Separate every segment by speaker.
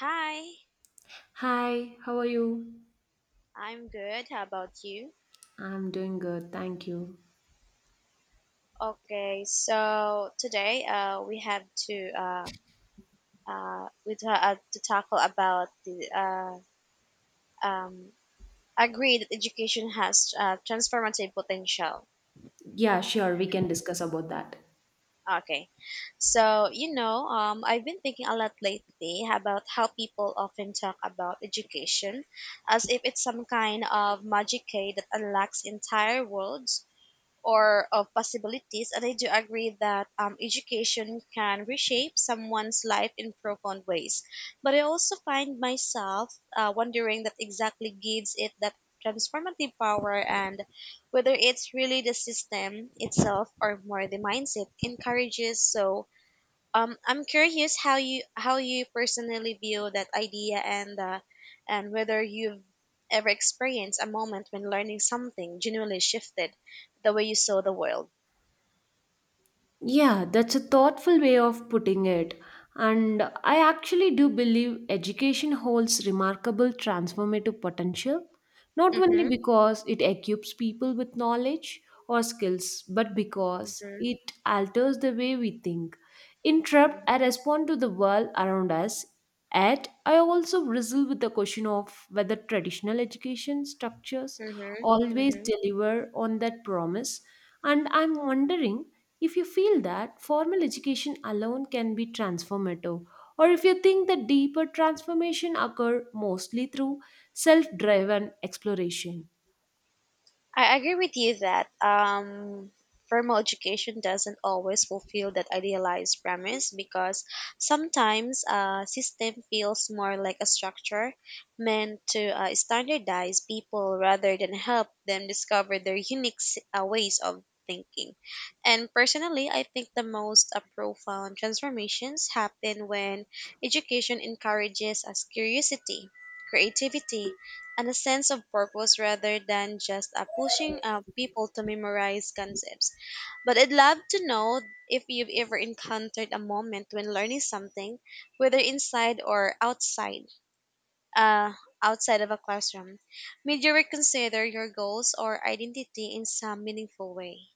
Speaker 1: Hi,
Speaker 2: Hi, how are you?
Speaker 1: I'm good. How about you?
Speaker 2: I'm doing good, thank you.
Speaker 1: Okay, so today we have to to tackle about the um, agree that education has transformative potential.
Speaker 2: Yeah, sure, we can discuss about that.
Speaker 1: Okay, I've been thinking a lot lately about how people often talk about education as if it's some kind of magic key that unlocks entire worlds or of possibilities. And I do agree that education can reshape someone's life in profound ways. But I also find myself wondering that exactly gives it that transformative power and whether it's really the system itself or more the mindset encourages. So I'm curious how you personally view that idea and whether you've ever experienced a moment when learning something genuinely shifted the way you saw the world.
Speaker 2: Yeah, that's a thoughtful way of putting it. And I actually do believe education holds remarkable transformative potential, not only
Speaker 1: Mhm.
Speaker 2: because it equips people with knowledge or skills, but because
Speaker 1: Mhm.
Speaker 2: it alters the way we think. Interrupt, I respond to the world around us. Yet, I also wrestle with the question of whether traditional education structures
Speaker 1: Mhm.
Speaker 2: always
Speaker 1: Mhm.
Speaker 2: deliver on that promise. And I'm wondering if you feel that formal education alone can be transformative, or if you think that deeper transformation occur mostly through self-driven exploration.
Speaker 1: I agree with you that formal education doesn't always fulfill that idealized premise because sometimes a system feels more like a structure meant to standardize people rather than help them discover their unique ways of thinking. And personally, I think the most profound transformations happen when education encourages us curiosity, creativity, and a sense of purpose rather than just pushing people to memorize concepts. But I'd love to know if you've ever encountered a moment when learning something, whether inside or outside, uh, outside of a classroom, made you reconsider your goals or identity in some meaningful way.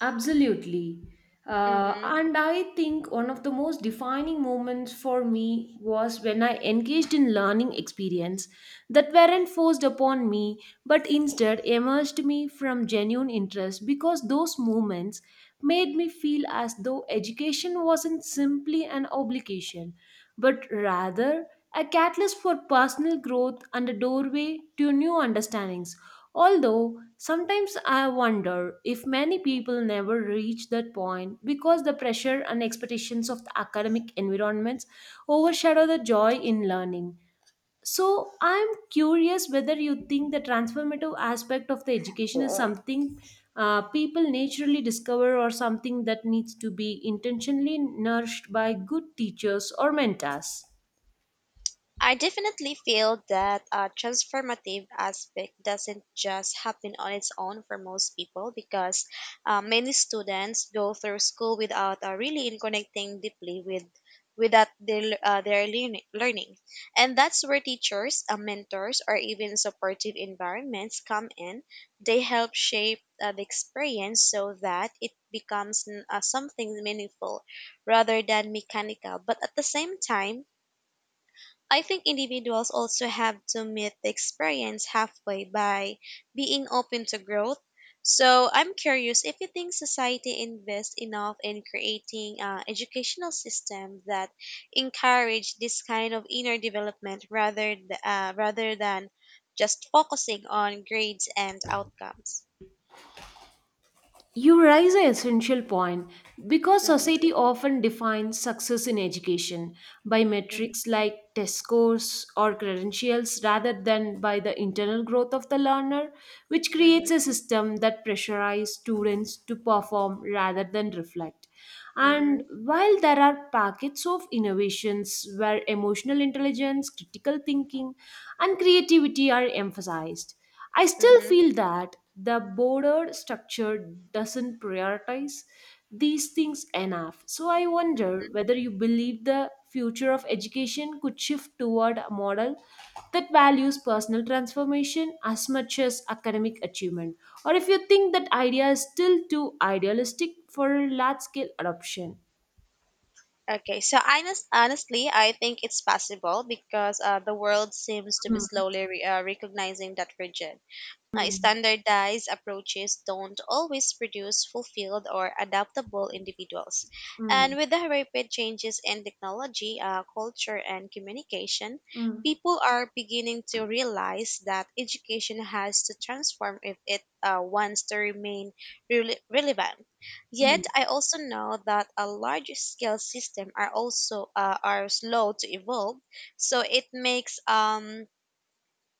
Speaker 2: Absolutely. Uh,
Speaker 1: Mm-hmm.
Speaker 2: and I think one of the most defining moments for me was when I engaged in learning experience that weren't forced upon me, but instead emerged me from genuine interest, because those moments made me feel as though education wasn't simply an obligation but rather a catalyst for personal growth and a doorway to new understandings. Although sometimes I wonder if many people never reach that point because the pressure and expectations of the academic environments overshadow the joy in learning. So I'm curious whether you think the transformative aspect of the education is something people naturally discover or something that needs to be intentionally nourished by good teachers or mentors.
Speaker 1: I definitely feel that a transformative aspect doesn't just happen on its own for most people because many students go through school without really in connecting deeply with without their learning. And that's where teachers, mentors, or even supportive environments come in. They help shape the experience so that it becomes something meaningful rather than mechanical. But at the same time, I think individuals also have to meet the experience halfway by being open to growth. So I'm curious if you think society invests enough in creating an educational system that encourage this kind of inner development rather than just focusing on grades and outcomes.
Speaker 2: You raise an essential point, because
Speaker 1: Hmm.
Speaker 2: society often defines success in education by
Speaker 1: Hmm.
Speaker 2: metrics like test scores or credentials rather than by the internal growth of the learner, which
Speaker 1: Hmm.
Speaker 2: creates a system that pressurizes students to perform rather than reflect. And
Speaker 1: Hmm.
Speaker 2: while there are packets of innovations where emotional intelligence, critical thinking, and creativity are emphasized, I still
Speaker 1: Hmm.
Speaker 2: feel that the broader structure doesn't prioritize these things enough. So I wonder whether you believe the future of education could shift toward a model that values personal transformation as much as academic achievement, or if you think that idea is still too idealistic for large scale adoption.
Speaker 1: Honestly, I think it's possible because the world seems to be
Speaker 2: Mm,
Speaker 1: slowly recognizing now,
Speaker 2: mm,
Speaker 1: standardized approaches don't always produce fulfilled or adaptable individuals.
Speaker 2: mm,
Speaker 1: And with the rapid changes in technology, culture, and communication,
Speaker 2: mm,
Speaker 1: people are beginning to realize that education has to transform if it wants to remain relevant. Yet,
Speaker 2: mm.
Speaker 1: I also know that a large scale system are also are slow to evolve, so it makes um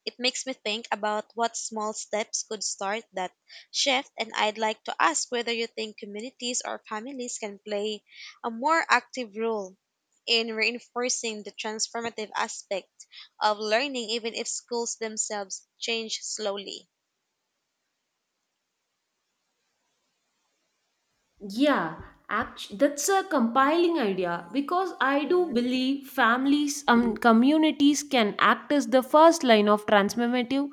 Speaker 1: it makes me think about what small steps could start that shift, and I'd like to ask whether you think communities or families can play a more active role in reinforcing the transformative aspect of learning, even if schools themselves change slowly.
Speaker 2: Yeah, that's a compiling idea, because I do
Speaker 1: Mhm.
Speaker 2: believe families and communities can act as the first line of transformative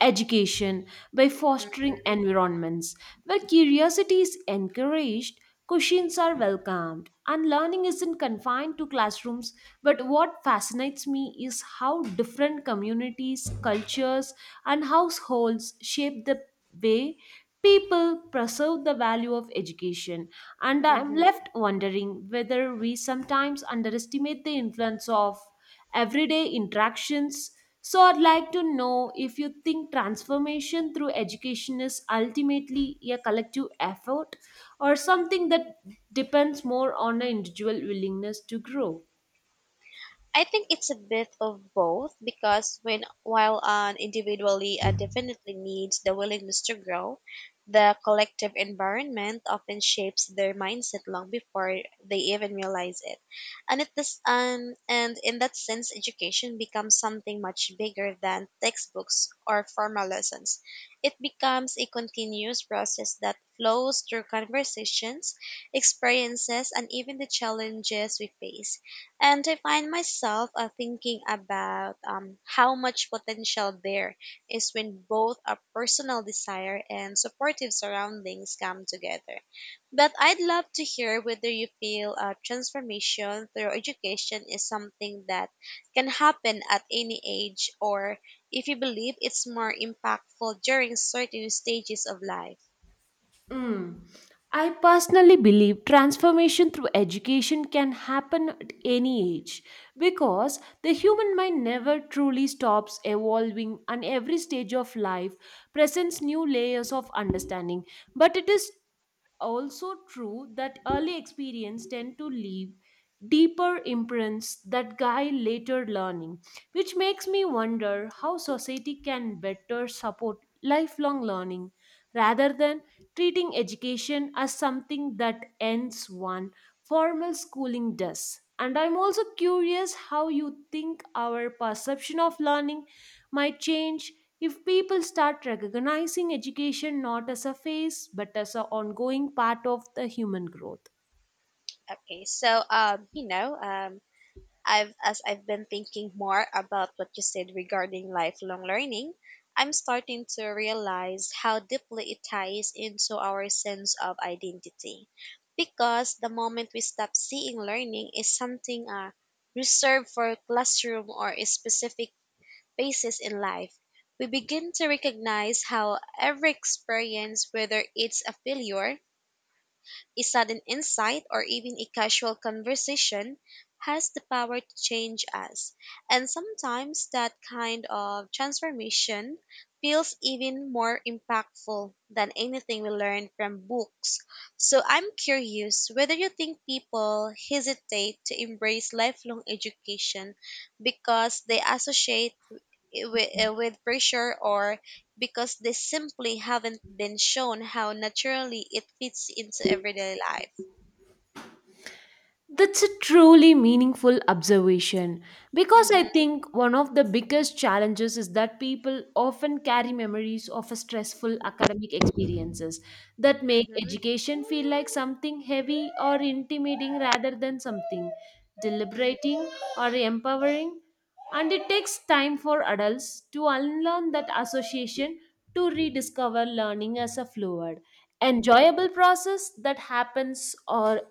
Speaker 2: education by fostering
Speaker 1: Mhm,
Speaker 2: environments where curiosity is encouraged, questions are welcomed, and learning isn't confined to classrooms. But what fascinates me is how different communities, cultures, and households shape the way people preserve the value of education, and I am
Speaker 1: mhm.
Speaker 2: left wondering whether we sometimes underestimate the influence of everyday interactions. So, I'd like to know if you think transformation through education is ultimately a collective effort or something that depends more on the individual willingness to grow.
Speaker 1: I think it's a bit of both because when while an individually definitely needs the willingness to grow, the collective environment often shapes their mindset long before they even realize it. And in that sense education becomes something much bigger than textbooks or formal lessons. It becomes a continuous process that flows through conversations, experiences and even the challenges we face and I find myself thinking about how much potential there is when both a personal desire and supportive surroundings come together. But I'd love to hear whether you feel a transformation through education is something that can happen at any age, or if you believe it's more impactful during certain stages of life.
Speaker 2: Mm. I personally believe transformation through education can happen at any age, because the human mind never truly stops evolving, and every stage of life presents new layers of understanding. But it is also true that early experience tend to leave deeper imprints that guide later learning, which makes me wonder how society can better support lifelong learning rather than treating education as something that ends one formal schooling does. And I'm also curious how you think our perception of learning might change if people start recognizing education not as a phase, but as an ongoing part of the human growth.
Speaker 1: Okay, so um, you know, um, I've as I've been thinking more about what you said regarding lifelong learning, I'm starting to realize how deeply it ties into our sense of identity. Because the moment we stop seeing learning is something reserved for a classroom or a specific phases in life, we begin to recognize how every experience, whether it's a failure a sudden insight or even a casual conversation has the power to change us. And sometimes that kind of transformation feels even more impactful than anything we learn from books. So I'm curious whether you think people hesitate to embrace lifelong education because they associate with pressure or because they simply haven't been shown how naturally it fits into everyday life.
Speaker 2: That's a truly meaningful observation, because I
Speaker 1: Mhm.
Speaker 2: think one of the biggest challenges is that people often carry memories of a stressful academic experiences that make
Speaker 1: Mhm.
Speaker 2: education feel like something heavy or intimidating rather than something
Speaker 1: Mhm.
Speaker 2: deliberating or empowering. And it takes time for adults to unlearn that association, to rediscover learning as a fluid,
Speaker 1: Mhm.
Speaker 2: enjoyable process that happens or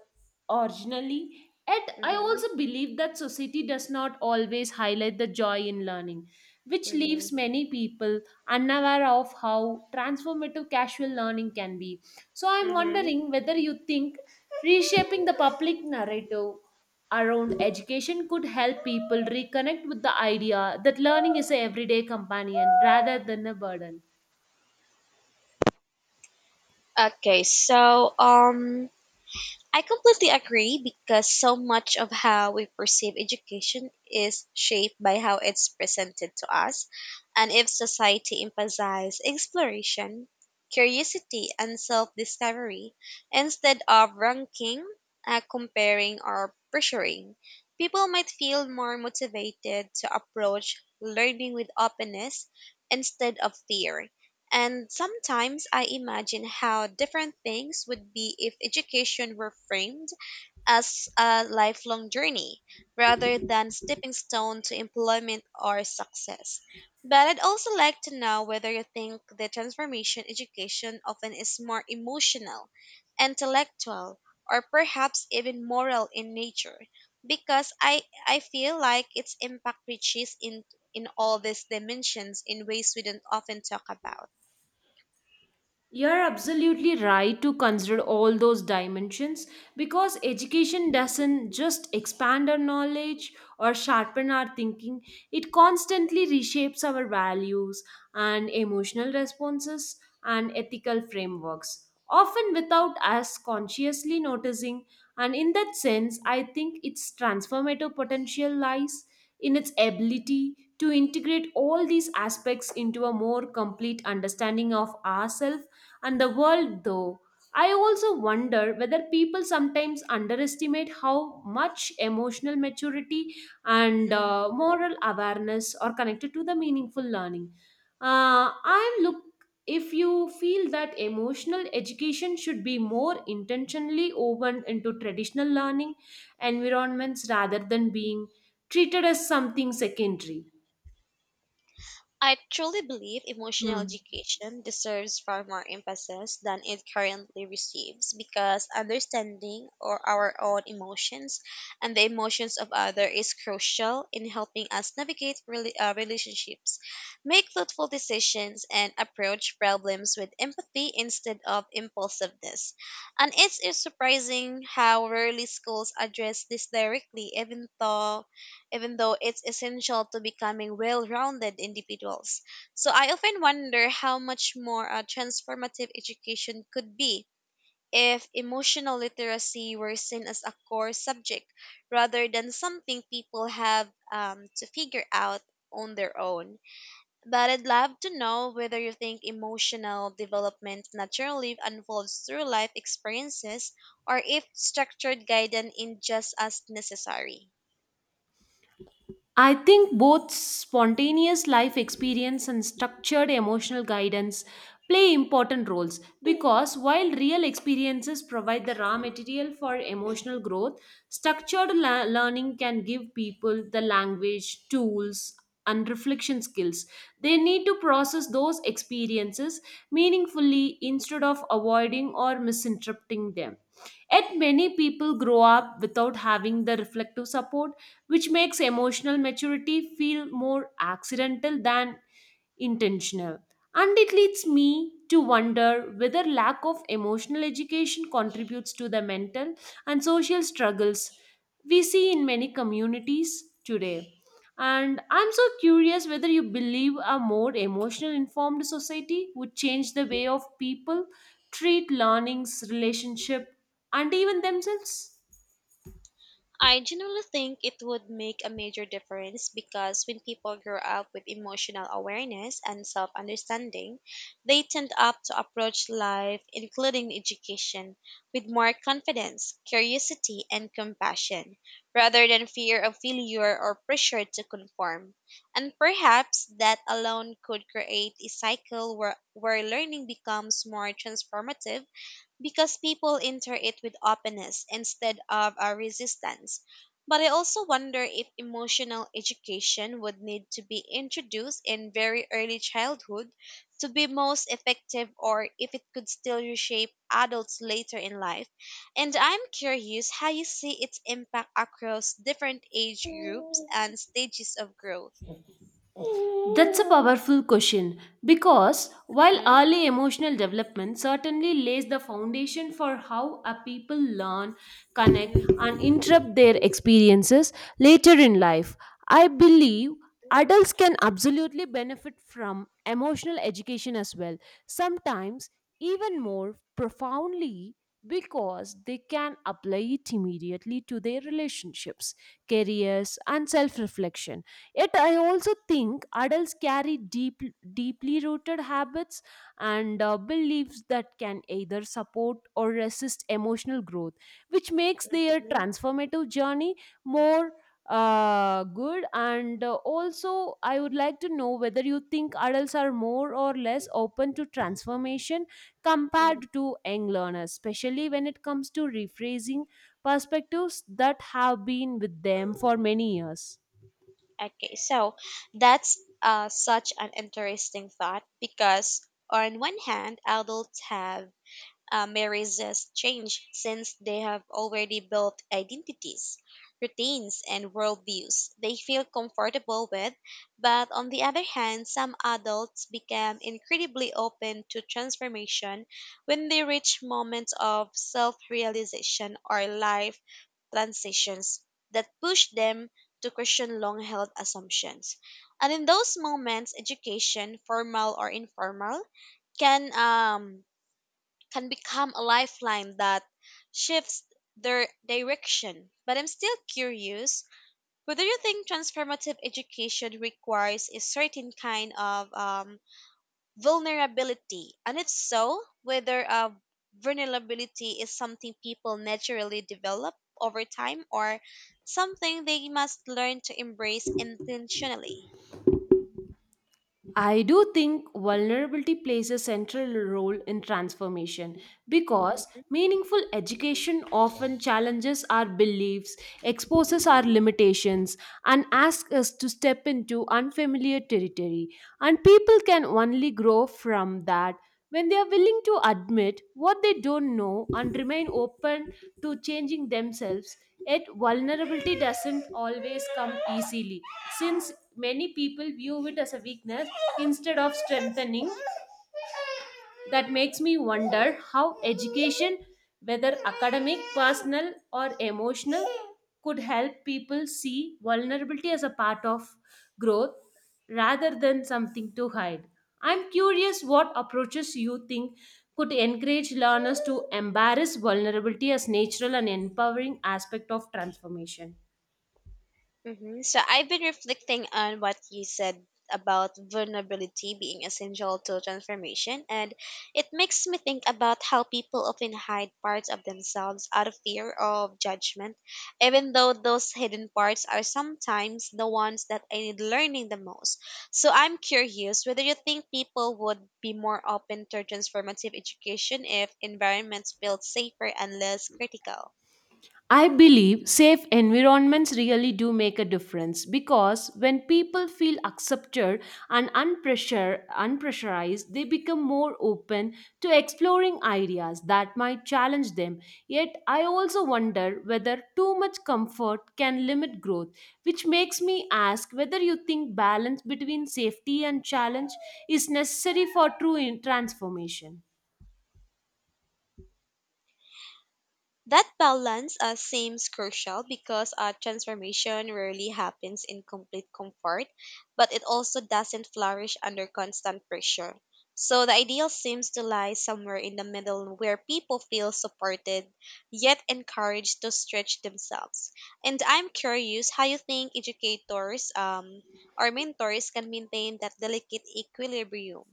Speaker 2: originally. And I
Speaker 1: Mhm.
Speaker 2: also believe that society does not always highlight the joy in learning, which leaves
Speaker 1: Mhm.
Speaker 2: many people unaware of how transformative casual learning can be. So, I'm
Speaker 1: Mhm.
Speaker 2: wondering whether you think reshaping the public narrative around education could help people reconnect with the idea that learning is an everyday companion rather than a burden.
Speaker 1: Okay, so um I completely agree because so much of how we perceive education is shaped by how it's presented to us. And if society emphasizes exploration, curiosity, and self discovery instead of ranking, comparing, or pressuring, people might feel more motivated to approach learning with openness instead of fear. And sometimes I imagine how different things would be if education were framed as a lifelong journey rather than stepping stone to employment or success. But I'd also like to know whether you think the transformation education often is more emotional, intellectual, or perhaps even moral in nature. Because I feel like its impact reaches in all these dimensions in ways we don't often talk about.
Speaker 2: You're absolutely right to consider all those dimensions, because education doesn't just expand our knowledge or sharpen our thinking, it constantly reshapes our values and emotional responses and ethical frameworks, often without us consciously noticing. And in that sense, I think its transformative potential lies in its ability to integrate all these aspects into a more complete understanding of ourselves and the world. Though I also wonder whether people sometimes underestimate how much emotional maturity and
Speaker 1: Mhm.
Speaker 2: moral awareness are connected to the meaningful learning. uh, I look if you feel that emotional education should be more intentionally woven into traditional learning environments rather than being treated as something secondary.
Speaker 1: I truly believe emotional
Speaker 2: Hmm.
Speaker 1: education deserves far more emphasis than it currently receives because understanding or our own emotions and the emotions of others is crucial in helping us navigate relationships, make thoughtful decisions, and approach problems with empathy instead of impulsiveness. And it's surprising how rarely schools address this directly, even though it's essential to becoming well rounded individuals. So I often wonder how much more transformative education could be if emotional literacy were seen as a core subject rather than something people have to figure out on their own. But I'd love to know whether you think emotional development naturally unfolds through life experiences or if structured guidance is just as necessary.
Speaker 2: I think both spontaneous life experience and structured emotional guidance play important roles, because while real experiences provide the raw material for emotional growth, learning can give people the language, tools, and reflection skills they need to process those experiences meaningfully instead of avoiding or misinterpreting them. Yet, many people grow up without having the reflective support, which makes emotional maturity feel more accidental than intentional. And it leads me to wonder whether lack of emotional education contributes to the mental and social struggles we see in many communities today. And I'm so curious whether you believe a more emotional informed society would change the way of people treat learnings, relationship, and even themselves.
Speaker 1: I generally think it would make a major difference because when people grow up with emotional awareness and self understanding, they tend up to approach life, including education, with more confidence, curiosity, and compassion, rather than fear of failure or pressure to conform. And perhaps that alone could create a cycle where learning becomes more transformative because people enter it with openness instead of a resistance. But I also wonder if emotional education would need to be introduced in very early childhood to be most effective or if it could still reshape adults later in life. And I'm curious how you see its impact across different age groups and stages of growth.
Speaker 2: That's a powerful question, because while
Speaker 1: Hmm.
Speaker 2: early emotional development certainly lays the foundation for how a people learn, connect, and
Speaker 1: Hmm.
Speaker 2: interrupt their experiences later in life, I believe adults can absolutely benefit from emotional education as well, sometimes even more profoundly, because they can apply it immediately to their relationships, careers, and self reflection. Yet, I also think adults carry deeply rooted habits and beliefs that can either support or resist emotional growth, which makes their transformative journey more good. And also, I would like to know whether you think adults are more or less open to transformation
Speaker 1: Hmm.
Speaker 2: compared to young learners, especially when it comes to rephrasing perspectives that have been with them for many years.
Speaker 1: Okay, so that's such an interesting thought because, on one hand, adults have may resist change since they have already built identities, routines, and worldviews they feel comfortable with. But on the other hand, some adults become incredibly open to transformation when they reach moments of self realization or life transitions that push them to question long held assumptions. And in those moments, education, formal or informal, can um, can become a lifeline that shifts their direction. But I'm still curious whether you think transformative education requires a certain kind of vulnerability, and if so, whether vulnerability is something people naturally develop over time or something they must learn to embrace intentionally.
Speaker 2: I do think vulnerability plays a central role in transformation, because meaningful education often challenges our beliefs, exposes our limitations, and asks us to step into unfamiliar territory. And people can only grow from that when they are willing to admit what they don't know and remain open to changing themselves. Yet vulnerability doesn't always come easily, since many people view it as a weakness instead of strengthening. That makes me wonder how education, whether academic, personal, or emotional, could help people see vulnerability as a part of growth rather than something to hide. I'm curious what approaches you think could encourage learners to embrace vulnerability as natural and empowering aspect of transformation.
Speaker 1: Hmm. So I've been reflecting on what you said about vulnerability being essential to transformation, and it makes me think about how people often hide parts of themselves out of fear of judgment, even though those hidden parts are sometimes the ones that I need learning the most. So I'm curious whether you think people would be more open to transformative education if environments felt safer and less critical.
Speaker 2: I believe safe environments really do make a difference, because when people feel accepted and unpressurized, they become more open to exploring ideas that might challenge them. Yet, I also wonder whether too much comfort can limit growth, which makes me ask whether you think balance between safety and challenge is necessary for transformation.
Speaker 1: That balance seems crucial because transformation rarely happens in complete comfort, but it also doesn't flourish under constant pressure. So the ideal seems to lie somewhere in the middle where people feel supported yet encouraged to stretch themselves. And I'm curious how you think educators or mentors can maintain that delicate equilibrium.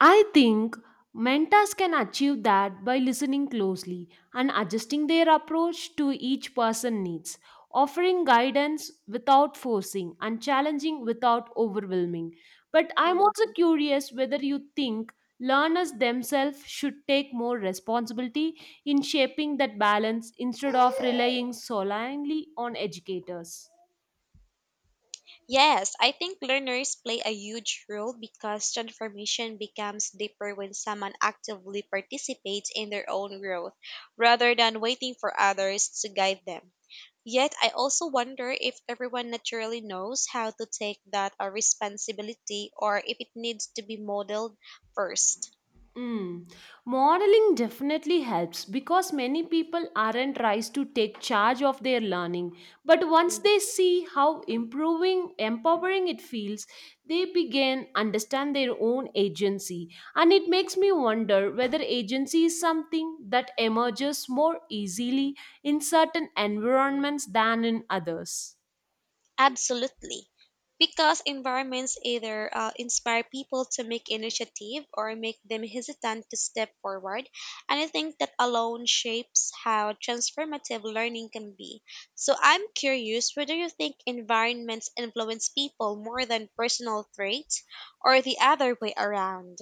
Speaker 2: I think mentors can achieve that by listening closely and adjusting their approach to each person's needs, offering guidance without forcing and challenging without overwhelming. But I'm also curious whether you think learners themselves should take more responsibility in shaping that balance instead of relying solely on educators.
Speaker 1: Yes, I think learners play a huge role because transformation becomes deeper when someone actively participates in their own growth rather than waiting for others to guide them. Yet, I also wonder if everyone naturally knows how to take that responsibility or if it needs to be modeled 1st.
Speaker 2: Mm. Modeling definitely helps, because many people aren't raised to take charge of their learning. But once they see how improving, empowering it feels, they begin understand their own agency. And it makes me wonder whether agency is something that emerges more easily in certain environments than in others.
Speaker 1: Absolutely. Because environments either inspire people to make initiative or make them hesitant to step forward. And I think that alone shapes how transformative learning can be. So I'm curious whether you think environments influence people more than personal traits or the other way around?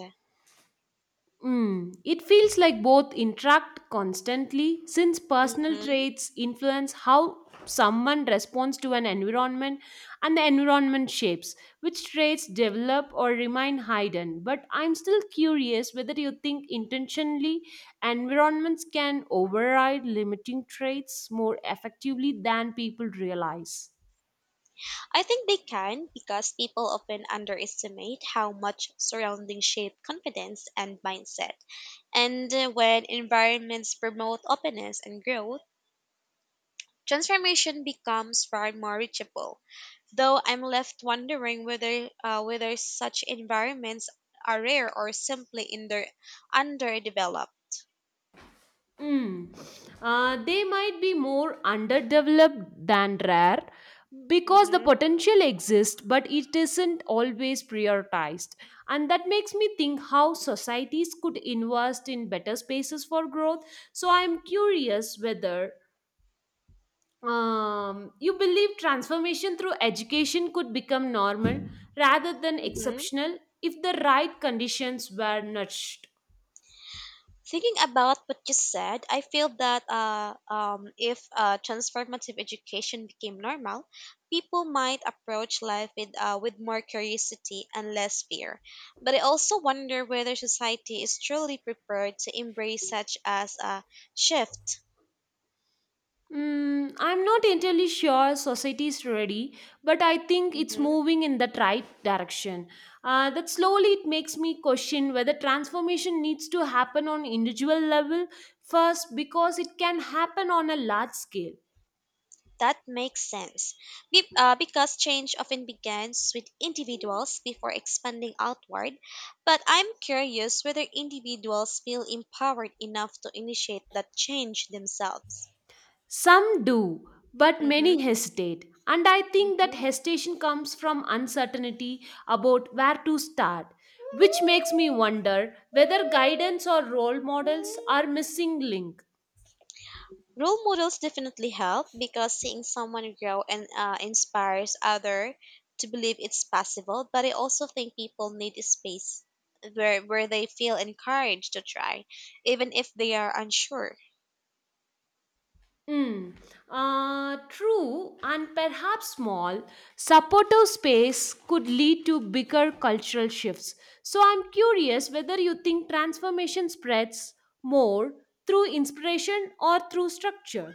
Speaker 2: It feels like both interact constantly, since personal traits influence how someone responds to an environment, and the environment shapes which traits develop or remain hidden. But I'm still curious whether you think intentionally environments can override limiting traits more effectively than people realize.
Speaker 1: I think they can because people often underestimate how much surroundings shape confidence and mindset. And when environments promote openness and growth, transformation becomes far more reachable. Though I'm left wondering whether such environments are rare or simply in their underdeveloped.
Speaker 2: Mm. They might be more underdeveloped than rare, because the
Speaker 1: Mm-hmm.
Speaker 2: potential exists, but it isn't always prioritized. And that makes me think how societies could invest in better spaces for growth. So I'm curious whether you believe transformation through education could become normal rather than
Speaker 1: Mm-hmm.
Speaker 2: exceptional if the right conditions were nudged.
Speaker 1: Thinking about what you said, I feel that if transformative education became normal, people might approach life with more curiosity and less fear. But I also wonder whether society is truly prepared to embrace such as a shift.
Speaker 2: Mm, I'm not entirely sure society is ready, but I think it's
Speaker 1: Mhm.
Speaker 2: moving in that right direction. That slowly it makes me question whether transformation needs to happen on individual level first because it can happen on a large scale.
Speaker 1: That makes sense. Because change often begins with individuals before expanding outward. But I'm curious whether individuals feel empowered enough to initiate that change themselves.
Speaker 2: Some do, but
Speaker 1: Mm-hmm.
Speaker 2: many hesitate. And I think that
Speaker 1: Mm-hmm.
Speaker 2: hesitation comes from uncertainty about where to start, which makes me wonder whether guidance or role models are missing link.
Speaker 1: Role models definitely help because seeing someone grow and inspires other to believe it's possible. But I also think people need a space where they feel encouraged to try, even if they are unsure.
Speaker 2: Mm, True, and perhaps small, supportive space could lead to bigger cultural shifts. So I'm curious whether you think transformation spreads more through inspiration or through structure.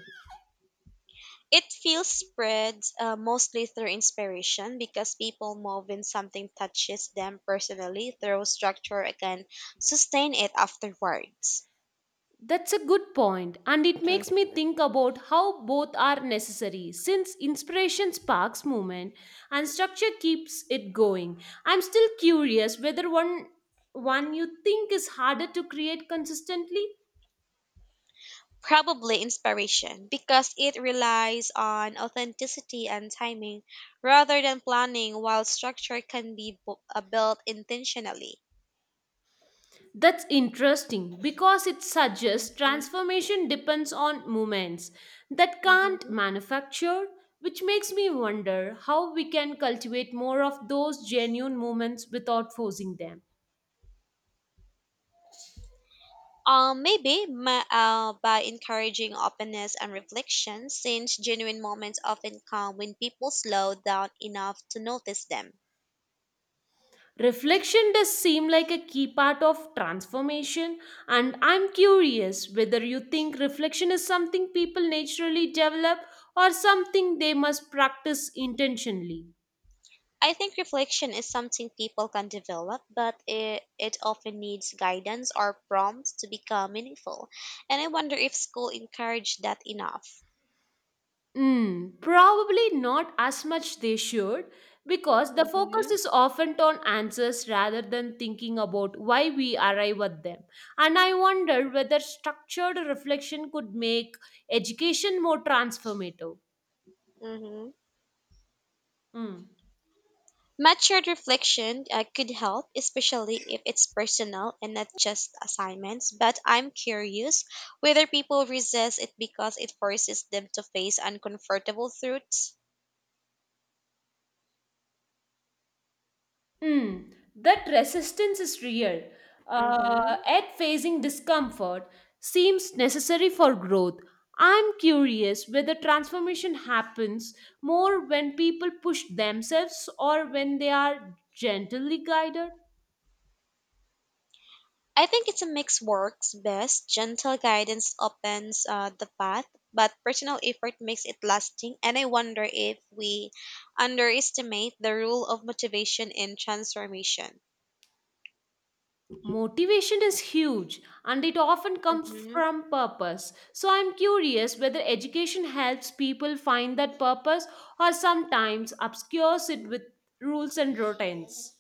Speaker 1: It feels spreads mostly through inspiration because people move when something touches them personally, through structure again sustain it afterwards.
Speaker 2: That's a good point, and it
Speaker 1: Mm.
Speaker 2: makes me think about how both are necessary, since inspiration sparks movement and structure keeps it going. I'm still curious whether one you think is harder to create consistently.
Speaker 1: Probably inspiration because it relies on authenticity and timing rather than planning, while structure can be built intentionally.
Speaker 2: That's interesting, because it suggests
Speaker 1: Mhm.
Speaker 2: transformation depends on movements that can't manufacture, which makes me wonder how we can cultivate more of those genuine movements without forcing them.
Speaker 1: Maybe by encouraging openness and reflection, since genuine moments often come when people slow down enough to notice them.
Speaker 2: Reflection does seem like a key part of transformation, and I'm curious whether you think reflection is something people naturally develop or something they must practice intentionally.
Speaker 1: I think reflection is something people can develop, but it often needs guidance or prompts to become meaningful. And I wonder if school encouraged that enough.
Speaker 2: Mm, probably not as much they should, because the focus
Speaker 1: Mm-hmm.
Speaker 2: is often on answers rather than thinking about why we arrive at them. And I wonder whether structured reflection could make education more transformative.
Speaker 1: Mm-hmm.
Speaker 2: Mm.
Speaker 1: Matured reflection could help, especially if it's personal and not just assignments. But I'm curious whether people resist it because it forces them to face uncomfortable truths.
Speaker 2: That resistance is real.
Speaker 1: Hmm.
Speaker 2: At facing discomfort seems necessary for growth. I'm curious whether transformation happens more when people push themselves or when they are gently guided.
Speaker 1: I think it's a mix works best. Gentle guidance opens the path, but personal effort makes it lasting. And I wonder if we underestimate the role of motivation in transformation.
Speaker 2: Motivation is huge, and it often comes
Speaker 1: Mhm.
Speaker 2: from purpose. So I'm curious whether education helps people find that purpose or sometimes obscures it with rules and routines.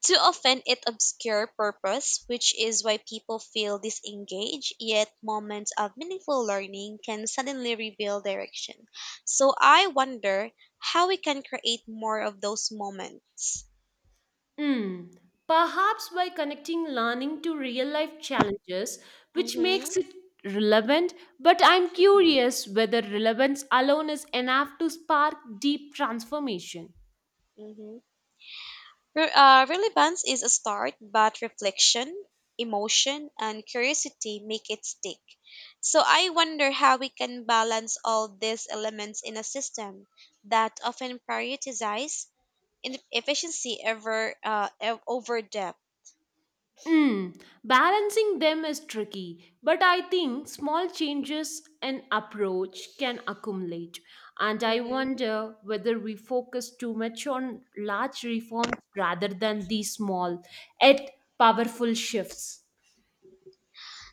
Speaker 1: Too often it obscures purpose, which is why people feel disengaged, yet moments of meaningful learning can suddenly reveal direction. So I wonder how we can create more of those moments.
Speaker 2: Hmm. Perhaps by connecting learning to real life challenges, which
Speaker 1: Mm-hmm.
Speaker 2: makes it relevant. But I'm curious whether relevance alone is enough to spark deep transformation.
Speaker 1: Mm-hmm. Relevance is a start, but reflection, emotion, and curiosity make it stick. So I wonder how we can balance all these elements in a system that often prioritizes in efficiency over depth.
Speaker 2: Hmm. Balancing them is tricky, but I think small changes in approach can accumulate. And I
Speaker 1: Mhm.
Speaker 2: wonder whether we focus too much on large reforms rather than these small, yet powerful shifts.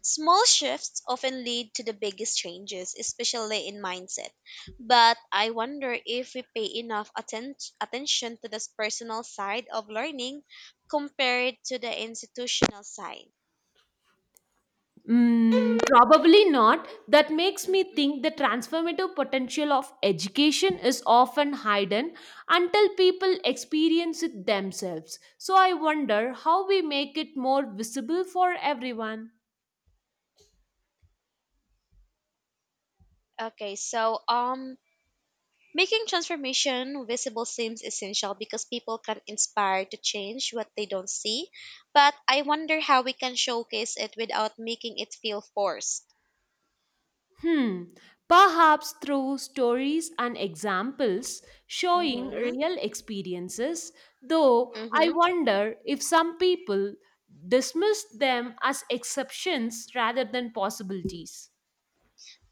Speaker 1: Small shifts often lead to the biggest changes, especially in mindset. But I wonder if we pay enough attention to this personal side of learning compared to the institutional side.
Speaker 2: Mm, probably not. That makes me
Speaker 1: Mhm.
Speaker 2: think the transformative potential of education is often hidden until people experience it themselves. So I wonder how we make it more visible for everyone.
Speaker 1: Okay, so um, Making transformation visible seems essential because people can inspire to change what they don't see, but I wonder how we can showcase it without making it feel forced.
Speaker 2: Hmm. Perhaps through stories and examples showing
Speaker 1: Mm-hmm.
Speaker 2: real experiences, though I
Speaker 1: Mm-hmm.
Speaker 2: wonder if some people dismiss them as exceptions rather than possibilities.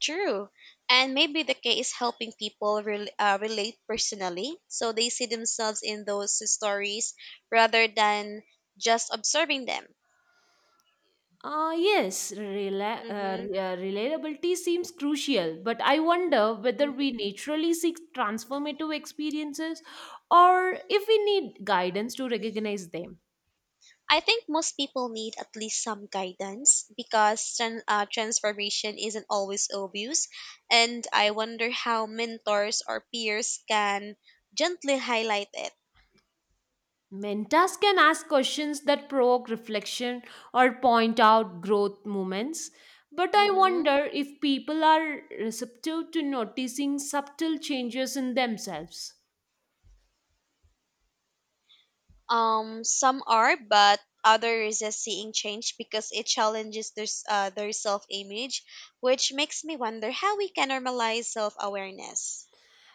Speaker 1: True. And maybe the key is helping people relate personally so they see themselves in those stories rather than just observing them.
Speaker 2: Ah yes,
Speaker 1: Mm-hmm.
Speaker 2: relatability seems crucial, but I wonder whether we naturally seek transformative experiences or if we need guidance to recognize them.
Speaker 1: I think most people need at least some guidance because transformation isn't always obvious. And I wonder how mentors or peers can gently highlight it.
Speaker 2: Mentors can ask questions that provoke reflection or point out growth moments, but I
Speaker 1: Hmm.
Speaker 2: wonder if people are receptive to noticing subtle changes in themselves.
Speaker 1: Some are, but others resist seeing change because it challenges their self image, which makes me wonder how we can normalize self awareness.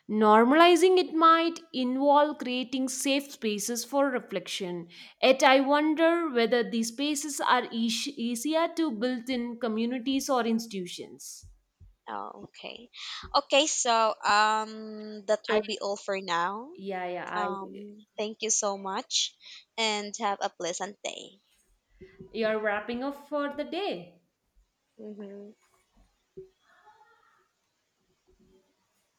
Speaker 2: Normalizing it might involve creating safe spaces for reflection. Yet, I wonder whether these spaces are easier to build in communities or institutions.
Speaker 1: Oh, okay. That
Speaker 2: I,
Speaker 1: will be all for now.
Speaker 2: yeah, yeah,
Speaker 1: Thank you so much and have a pleasant day.
Speaker 2: you're wrapping up for the day.
Speaker 1: Hmm.